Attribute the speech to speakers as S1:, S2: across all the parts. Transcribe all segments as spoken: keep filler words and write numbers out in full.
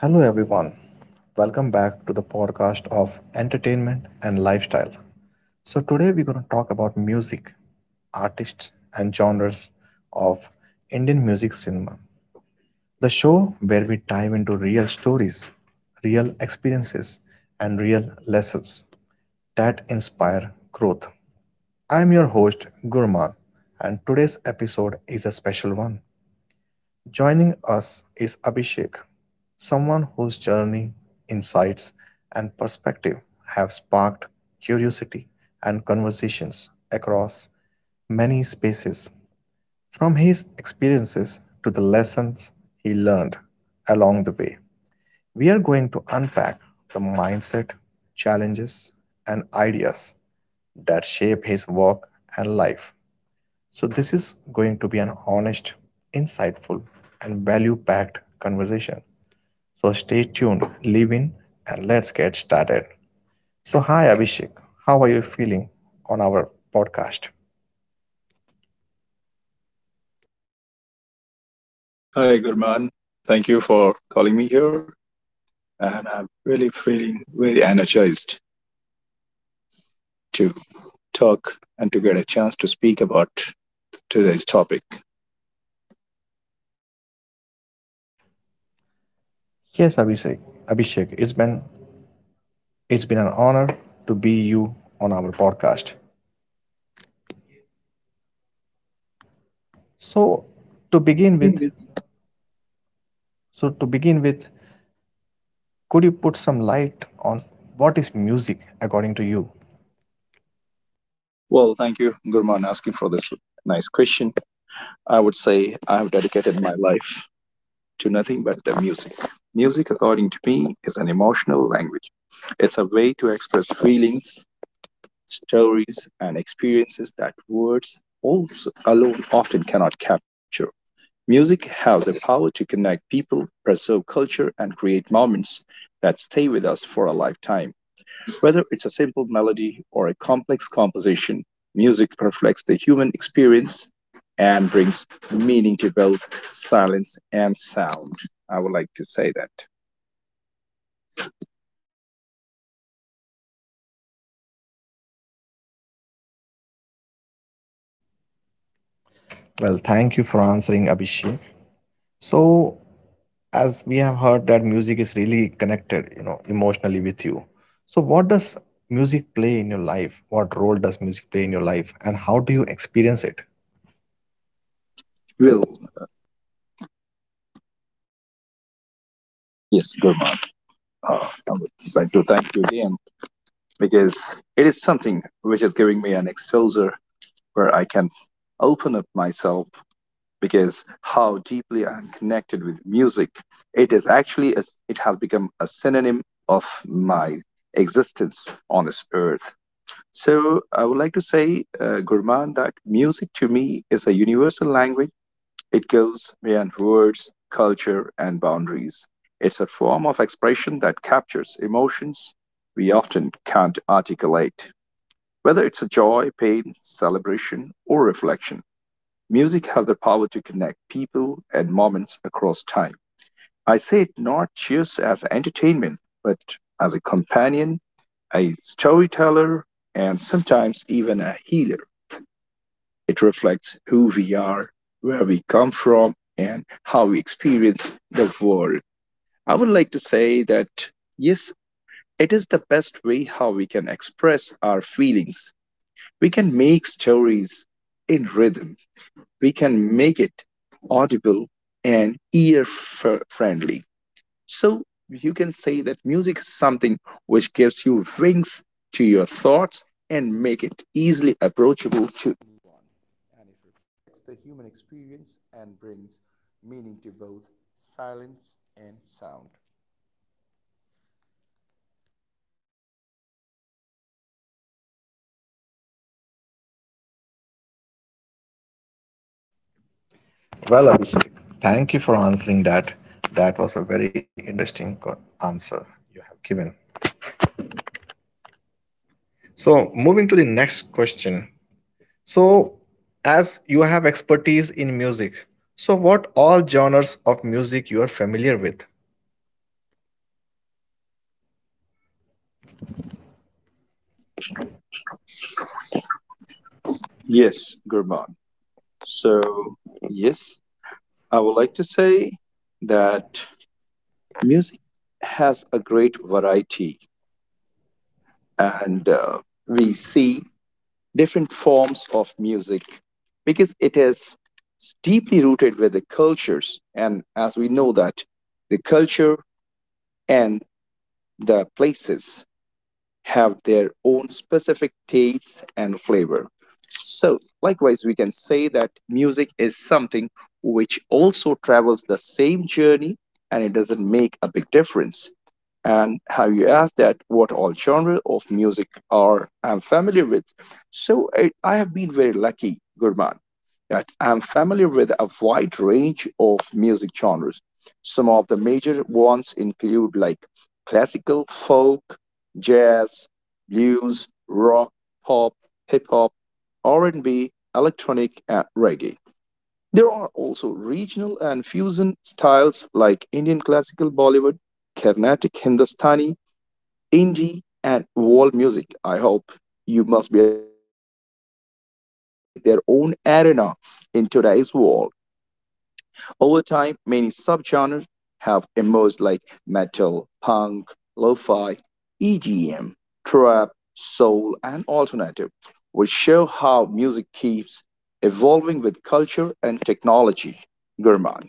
S1: Hello, everyone. Welcome back to the podcast of entertainment and lifestyle. So, today we're going to talk about music, artists, and genres of Indian music cinema. The show where we dive into real stories, real experiences, and real lessons that inspire growth. I'm your host, Gurman, and today's episode is a special one. Joining us is Abhishek, someone whose journey, insights, and perspective have sparked curiosity and conversations across many spaces, from his experiences to the lessons he learned along the way. We are going to unpack the mindset, challenges, and ideas that shape his work and life. So, this is going to be an honest, insightful, and value packed conversation. So, stay tuned, leave in, and let's get started. So, hi Abhishek, how are you feeling on our podcast?
S2: Hi, Gurman. Thank you for calling me here. And I'm really feeling very energized to talk and to get a chance to speak about today's topic.
S1: Yes, Abhishek, Abhishek, it's been it's been an honor to be you on our podcast. So, to begin
S2: Begin
S1: with,
S2: with.
S1: so to begin with, could you put some light on what is music according to you?
S2: Well, thank you, Gurman, asking for this nice question. I would say I have dedicated my life to nothing but the music. Music, according to me, is an emotional language. It's a way to express feelings, stories, and experiences that words also alone often cannot capture. Music has the power to connect people, preserve culture, and create moments that stay with us for a lifetime. Whether it's a simple melody or a complex composition, music reflects the human experience and brings meaning to both silence and sound. I would like to say that.
S1: Well, thank you for answering, Abhishek. So, as we have heard that music is really connected you know emotionally with you, so what does music play in your life what role does music play in your life and how do you experience it?
S2: Will Yes, Gurman. Uh, I would like to thank you again because it is something which is giving me an exposure where I can open up myself because how deeply I am connected with music. It is actually, a, it has become a synonym of my existence on this earth. So I would like to say, uh, Gurman, that music to me is a universal language. It goes beyond words, culture, and boundaries. It's a form of expression that captures emotions we often can't articulate, whether it's a joy, pain, celebration, or reflection. Music has the power to connect people and moments across time. I say it not just as entertainment, but as a companion, a storyteller, and sometimes even a healer. It reflects who we are, where we come from, and how we experience the world. I would like to say that yes, it is the best way how we can express our feelings. We can make stories in rhythm we can make it audible and ear friendly. So you can say that music is something which gives you wings to your thoughts and make it easily approachable.
S1: Well, Abhishek, thank you for answering that. That was a very interesting co- answer you have given. So, moving to the next question. So, as you have expertise in music, so what all genres of music you are familiar with?
S2: Yes, Gurman. So, yes, I would like to say that music has a great variety, and uh, we see different forms of music because it is deeply rooted with the cultures. And as we know, that the culture and the places have their own specific tastes and flavor. So, likewise, we can say that music is something which also travels the same journey and it doesn't make a big difference. And have you asked that what all genres of music are I'm familiar with? So I, I have been very lucky, Gurman, that I'm familiar with a wide range of music genres. Some of the major ones include like classical, folk, jazz, blues, rock, pop, hip hop, R and B, electronic, and reggae. There are also regional and fusion styles like Indian classical Bollywood, Carnatic Hindustani, indie, and world music. I hope you must be aware of the indie music they have made their own arena in today's world. Over time, many subgenres have emerged like metal, punk, lo-fi, E D M, trap, soul, and alternative, which show how music keeps evolving with culture and technology. Gurman.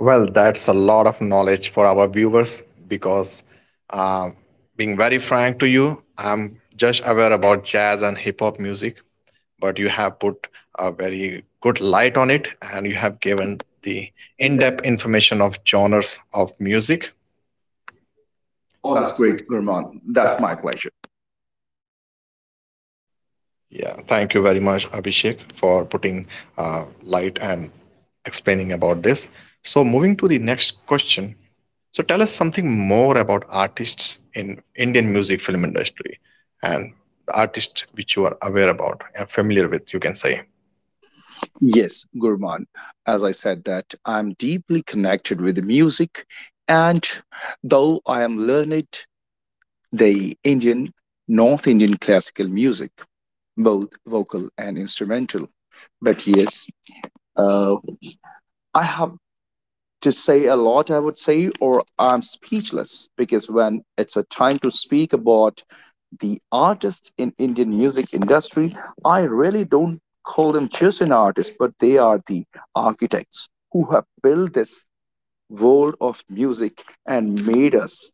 S1: Well, that's a lot of knowledge for our viewers because, uh, being very frank to you, I'm just aware about jazz and hip hop music, but you have put a very good light on it and you have given the
S2: In
S1: in
S2: the
S1: depth information of genres of music.
S2: Oh, that's great, Gurman. That's my pleasure.
S1: Yeah, thank you very much, Abhishek, for putting uh, light and explaining about this. So, moving to the next question. So, tell us something more about artists in Indian music film industry and the artists which you are aware about and familiar with, you can say.
S2: Yes, Gurman. As I said, that I'm deeply connected with the music, and though I am learned the Indian, North Indian classical music, both vocal and instrumental. But yes, uh, I have to say a lot, I would say, or I'm speechless because when it's a time to speak about the artists in Indian music industry, I really don't call them just an artist, but they are the architects who have built this world of music and made us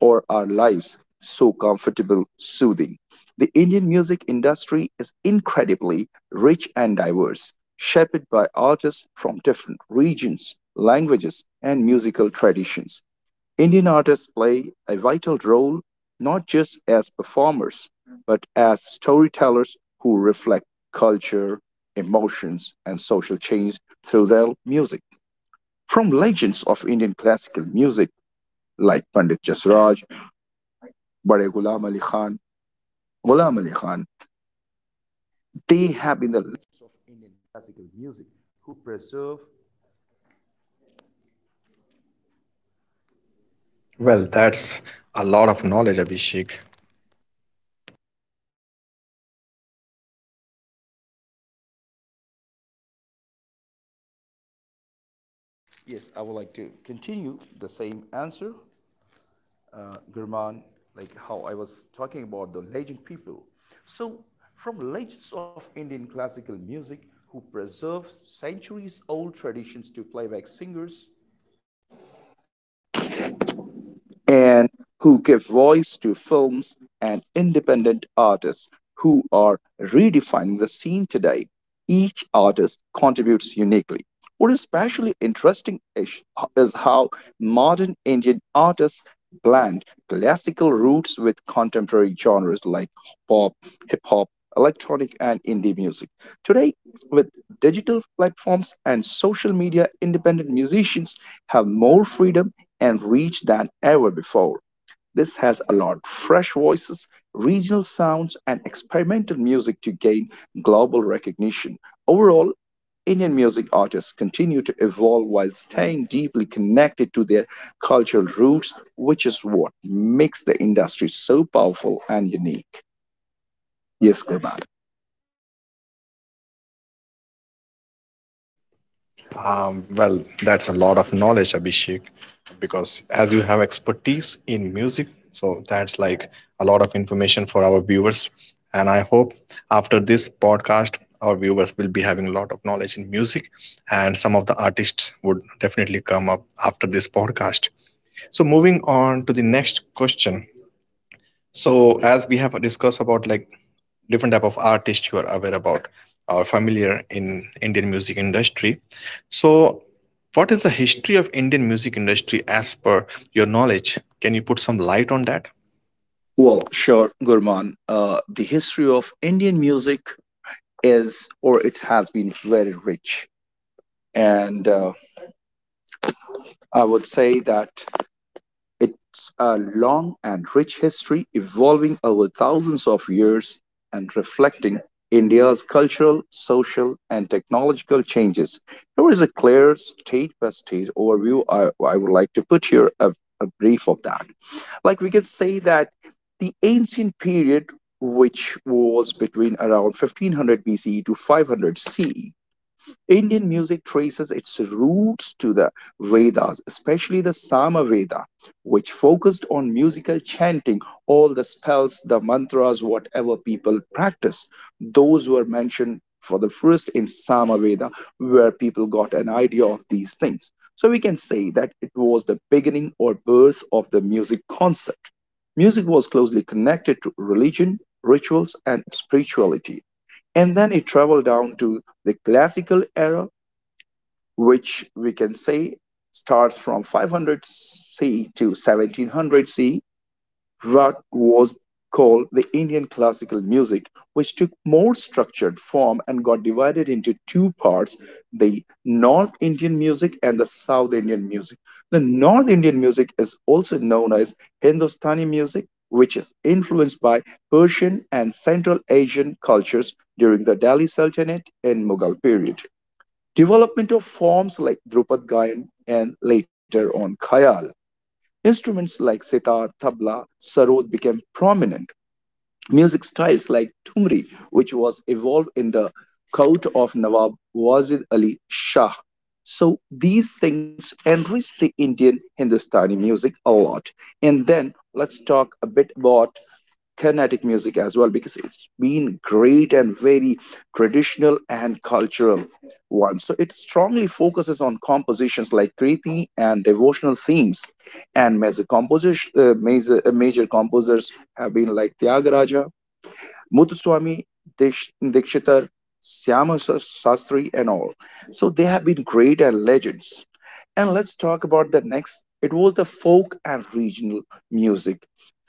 S2: or our lives so comfortable, soothing. The Indian music industry is incredibly rich and diverse, shaped by artists from different regions, languages, and musical traditions. Indian artists play a vital role not just as performers, but as storytellers who reflect culture, emotions, and social change through their music. From legends of Indian classical music like Pandit Jasraj, Bade Ghulam Ali Khan, Ghulam Ali Khan, they have been the
S1: Well, that's a lot of knowledge, Abhishek.
S2: who give voice to films and independent artists who are redefining the scene today. Each artist contributes uniquely. What is especially interesting is, is how modern artists blend classical roots with contemporary genres like pop, hip hop, electronic, and indie music. Today, with digital platforms and social media, independent musicians have more freedom and reach than ever before. Has allowed fresh voices, regional sounds, and experimental music to gain global recognition. Overall, Indian music artists continue to evolve while staying deeply connected to their cultural roots, which is what makes the industry so powerful and unique. Yes, Gurman.
S1: Um, well, that's a lot of knowledge, Abhishek, because as you have expertise in music, so that's like a lot of information for our viewers. And I hope after this podcast, our viewers will be having a lot of knowledge in music, and some of the artists would definitely come up after this podcast. So, moving on to the next question. So, as we have discussed about like different type of artists you are aware about or familiar in Indian music industry. So, what is the history of Indian music industry as per your knowledge? Can you put some light on that?
S2: Well, sure, Gurman. Uh, the history of Indian music is, or it has been very rich. And uh, I would say that it's a long and rich history evolving over thousands of years and reflecting India's cultural, social, and technological changes. Here is a clear state by state overview. I, I would like to put here a, a brief of that. Like we can say that the ancient period, which was between around fifteen hundred B C E to five hundred C E, Indian music traces its roots to the Vedas, especially the Sama Veda, which focused on musical chanting, all the spells, the mantras, whatever people practice. Those were mentioned for the first in Sama Veda, where people got an idea of these things. So we can say that it was the beginning or birth of the music concept. Music was closely connected to religion, rituals, and spirituality and then it traveled down to the classical era which we can say starts from five hundred c to seventeen hundred c what was called the Indian classical music, which took more structured form and got divided into two parts the North Indian music and the South Indian music. The North Indian music is also known as Hindustani music, which is influenced by Persian and Central Asian cultures during the Delhi Sultanate and Mughal period. Development of forms like Drupad Gayan and later on Khayal. Instruments like sitar, tabla, sarod became prominent. Music styles like tumri, which was evolved in the court of Nawab Wazid Ali Shah. So these things enriched the Indian Hindustani music a lot. And then let's talk a bit about Carnatic music as well because it's been great and very traditional and cultural one. So it strongly focuses on compositions like Kriti and devotional themes. And major, composers, uh, major, uh, major composers have been like Tyagaraja, Muthuswamy, Dish, Dikshitar, Syama Shastri, and all. So they have been great and legends and let's talk about the next. It was the folk and regional music.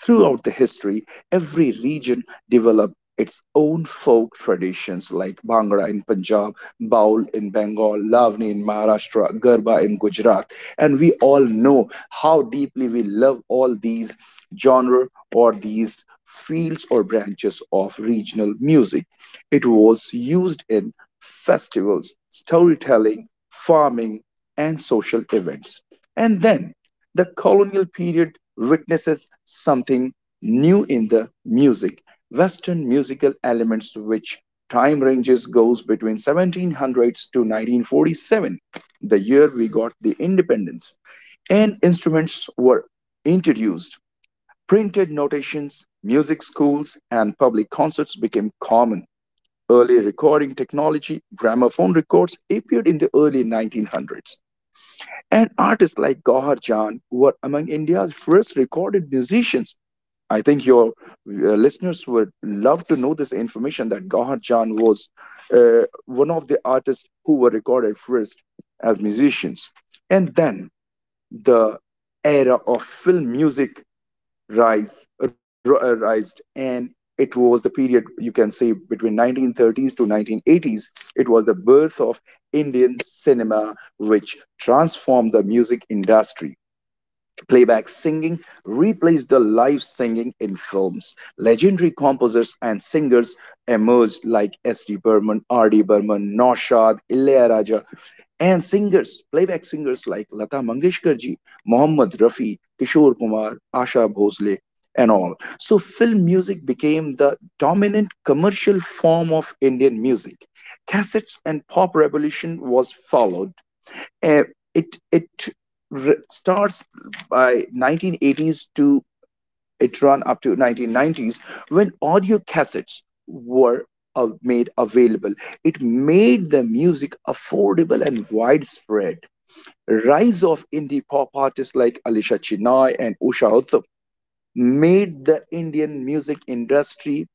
S2: Throughout the history, every region developed its own folk traditions like Bhangra in Punjab, Baul in Bengal, Lavani in Maharashtra, Garba in Gujarat. And we all know how deeply we love all these genre or these fields or branches of regional music. It was used in festivals, storytelling, farming, and social events. And then the colonial period witnesses something new in the music. Western musical elements, which time ranges goes between seventeen hundreds to nineteen forty-seven, the year we got the independence, and instruments were introduced. Printed notations, music schools, and public concerts became common. Early recording technology, gramophone records appeared in the early nineteen hundreds and artists like Gauhar Jan, who were among India's first recorded musicians. I think your uh, listeners would love to know this information that Gauhar Jan was uh, one of the artists who were recorded first as musicians. And then the era of film music rise ro- uh, rised and it was the period you can say between nineteen thirties to nineteen eighties it was the birth of indian cinema which transformed the music industry. Playback singing replaced the live singing in films. Legendary composers and singers emerged like S D. Burman, R D. Burman, Naushad, Ilayaraja, and singers, playback singers like Lata Mangeshkarji, Mohammad Rafi, Kishore Kumar, Asha Bhosle, and all. So film music became the dominant commercial form of Indian music. Cassettes and pop revolution was followed uh, it it r starts by nineteen eighties to it run up to nineteen nineties when audio cassettes were uh, made available. It made the music affordable and widespread. Rise of indie pop artists like Alisha Chennai and Usha Uthup made the Indian music industry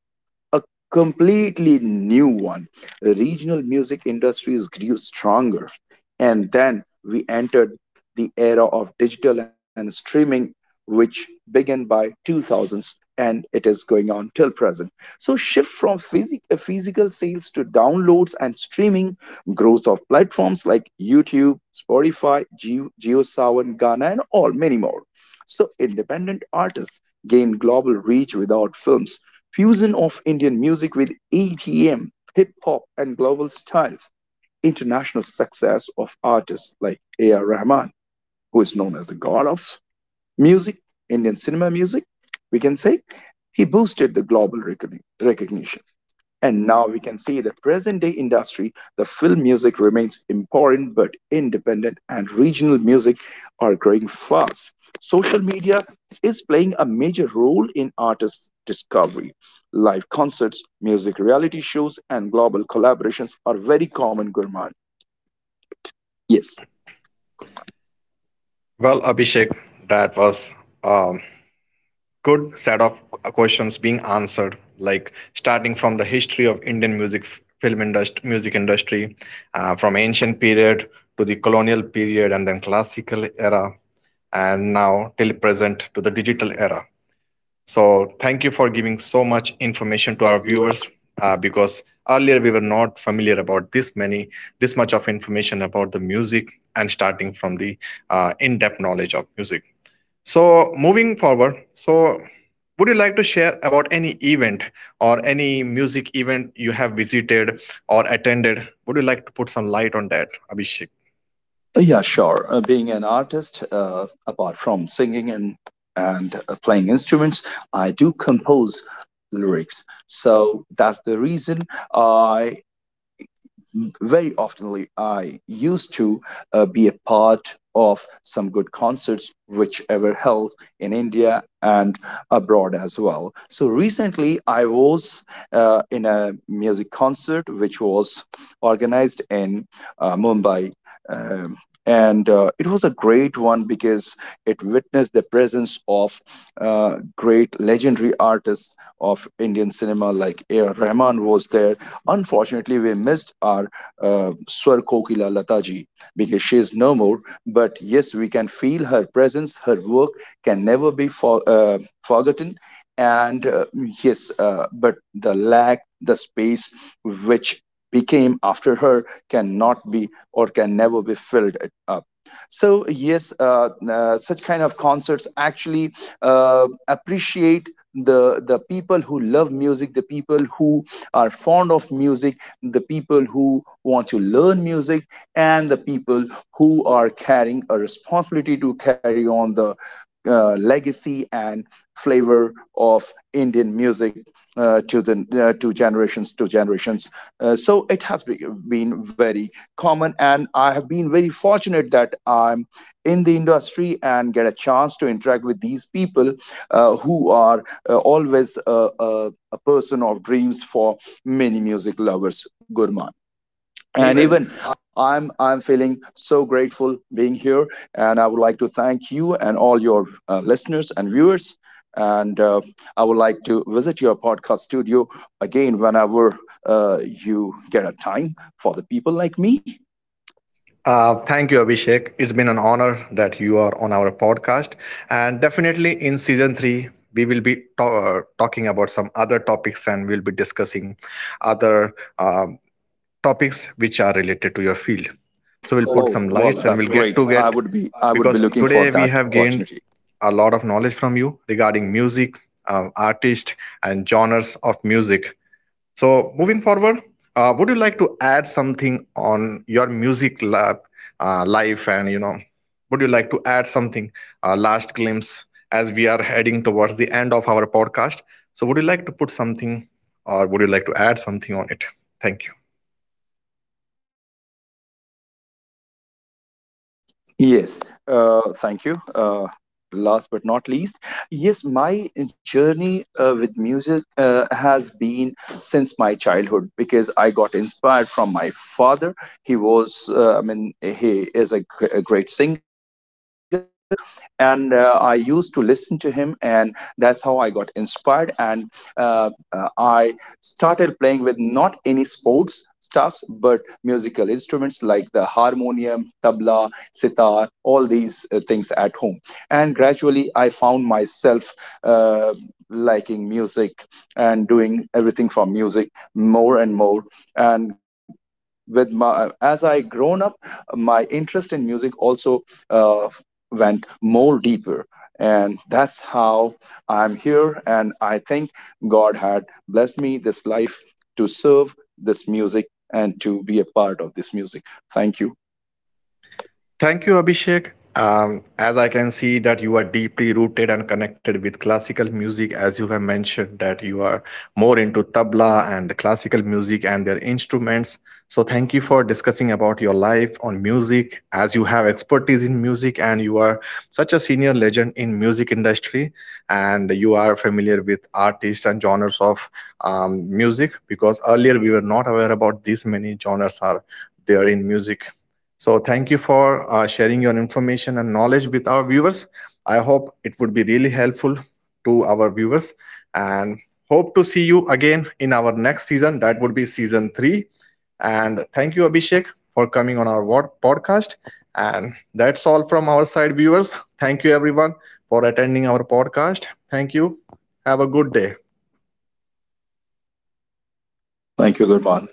S2: a completely new one. Regional music industries grew stronger, and then we entered the era of digital and streaming, which began by two thousands and it is going on till present. So shift from physic- uh, physical sales to downloads and streaming, growth of platforms like YouTube, Spotify, Geo, GeoSawan, Ghana, and all many more. So independent artists gain global reach without films fusion of Indian music with E D M, hip hop, and global styles, international success of artists like A R. Rahman, who is known as the god of music, Indian cinema music, we can say, he boosted the global recognition. And now we can see the present day industry, the film music remains important but independent, and regional music are growing fast. Social media is playing a major role in artists' discovery. Live concerts, music reality shows, and global collaborations are very common, Gurman. Yes.
S1: Well, Abhishek, that was um, good set of questions being answered, like starting from the history of Indian music film industry, music industry, uh, from ancient period to the colonial period and then classical era and now till present to the digital era. So thank you for giving so much information to our viewers, uh, because earlier we were not familiar about this many, this much of information about the music, and starting from the uh, in-depth knowledge of music. So moving forward, so would you like to share about any event or any music event you have visited or attended? Would you like to put some light on that, Abhishek?
S2: Yeah, sure. Uh, being an artist, uh, apart from singing and and uh, playing instruments, I do compose lyrics. So that's the reason I very oftenly I used to uh, be a part of some good concerts which ever held in India and abroad as well. So recently I was uh, in a music concert which was organized in uh, Mumbai. Um, and uh, It was a great one because it witnessed the presence of uh, great legendary artists of Indian cinema like A. R. Rahman was there. Unfortunately, we missed our uh, Swar Kokila Lataji because she is no more. But yes, we can feel her presence. Her work can never be for, uh, forgotten. And uh, yes, uh, but the lack, the space which became after her cannot be or can never be filled up. So yes, uh, uh, such kind of concerts actually uh, appreciate the the people who love music the people who are fond of music, the people who want to learn music, and the people who are carrying a responsibility to carry on the uh, legacy and flavor of Indian music uh, to the uh, to generations to generations. Uh, so it has be, been very common, and I have been very fortunate that I'm in the industry and get a chance to interact with these people uh, who are uh, always a, a, a person of dreams for many music lovers, Gurman. And even I'm I'm feeling so grateful being here, and I would like to thank you and all your uh, listeners and viewers. And uh, I would like to visit your podcast studio again whenever uh, you get a time for the people like me.
S1: Uh, thank you, Abhishek. It's been an honor that you are on our podcast. And definitely in season three, we will be ta- uh, talking about some other topics, and we'll be discussing other um, topics which are related to your field. So we'll put
S2: Oh
S1: some
S2: well,
S1: lights and
S2: that's
S1: we'll get
S2: great.
S1: to
S2: I
S1: get,
S2: would be I would be
S1: because
S2: looking for
S1: today we
S2: that
S1: have gained
S2: opportunity.
S1: a lot of knowledge from you regarding music, um, artists, and genres of music. So, moving forward, uh, would you like to add something on your music lab, uh, life? And, you know, would you like to add something, uh, last glimpse, as we are heading towards the end of our podcast? So, would you like to put something or would you like to add something on it? Thank you.
S2: Yes, uh, thank you. Uh, last but not least, yes, my journey uh, with music uh, has been since my childhood because I got inspired from my father. He was, uh, I mean, he is a, gr- a great singer, and uh, I used to listen to him, and that's how I got inspired. And uh, uh, I started playing with not any sports stuffs, but musical instruments like the harmonium, tabla, sitar, all these uh, things at home. And gradually, I found myself uh, liking music and doing everything for music more and more. And with my as I grown up, my interest in music also uh, went more deeper. And that's how I'm here. And I think God had blessed me this life to serve this music and to be a part of this music. Thank you.
S1: Thank you, Abhishek. Um, as I can see that you are deeply rooted and connected with classical music, as you have mentioned that you are more into tabla and the classical music and their instruments. So thank you for discussing about your life on music, as you have expertise in music and you are such a senior legend in music industry, and you are familiar with artists and genres of um, music, because earlier we were not aware about these many genres are there in music. So thank you for uh, sharing your information and knowledge with our viewers. I hope it would be really helpful to our viewers, and hope to see you again in our next season. That would be season three. And thank you, Abhishek, for coming on our podcast. And that's all from our side, viewers. Thank you, everyone, for attending our podcast. Thank you. Have a good day.
S2: Thank you, Gurman.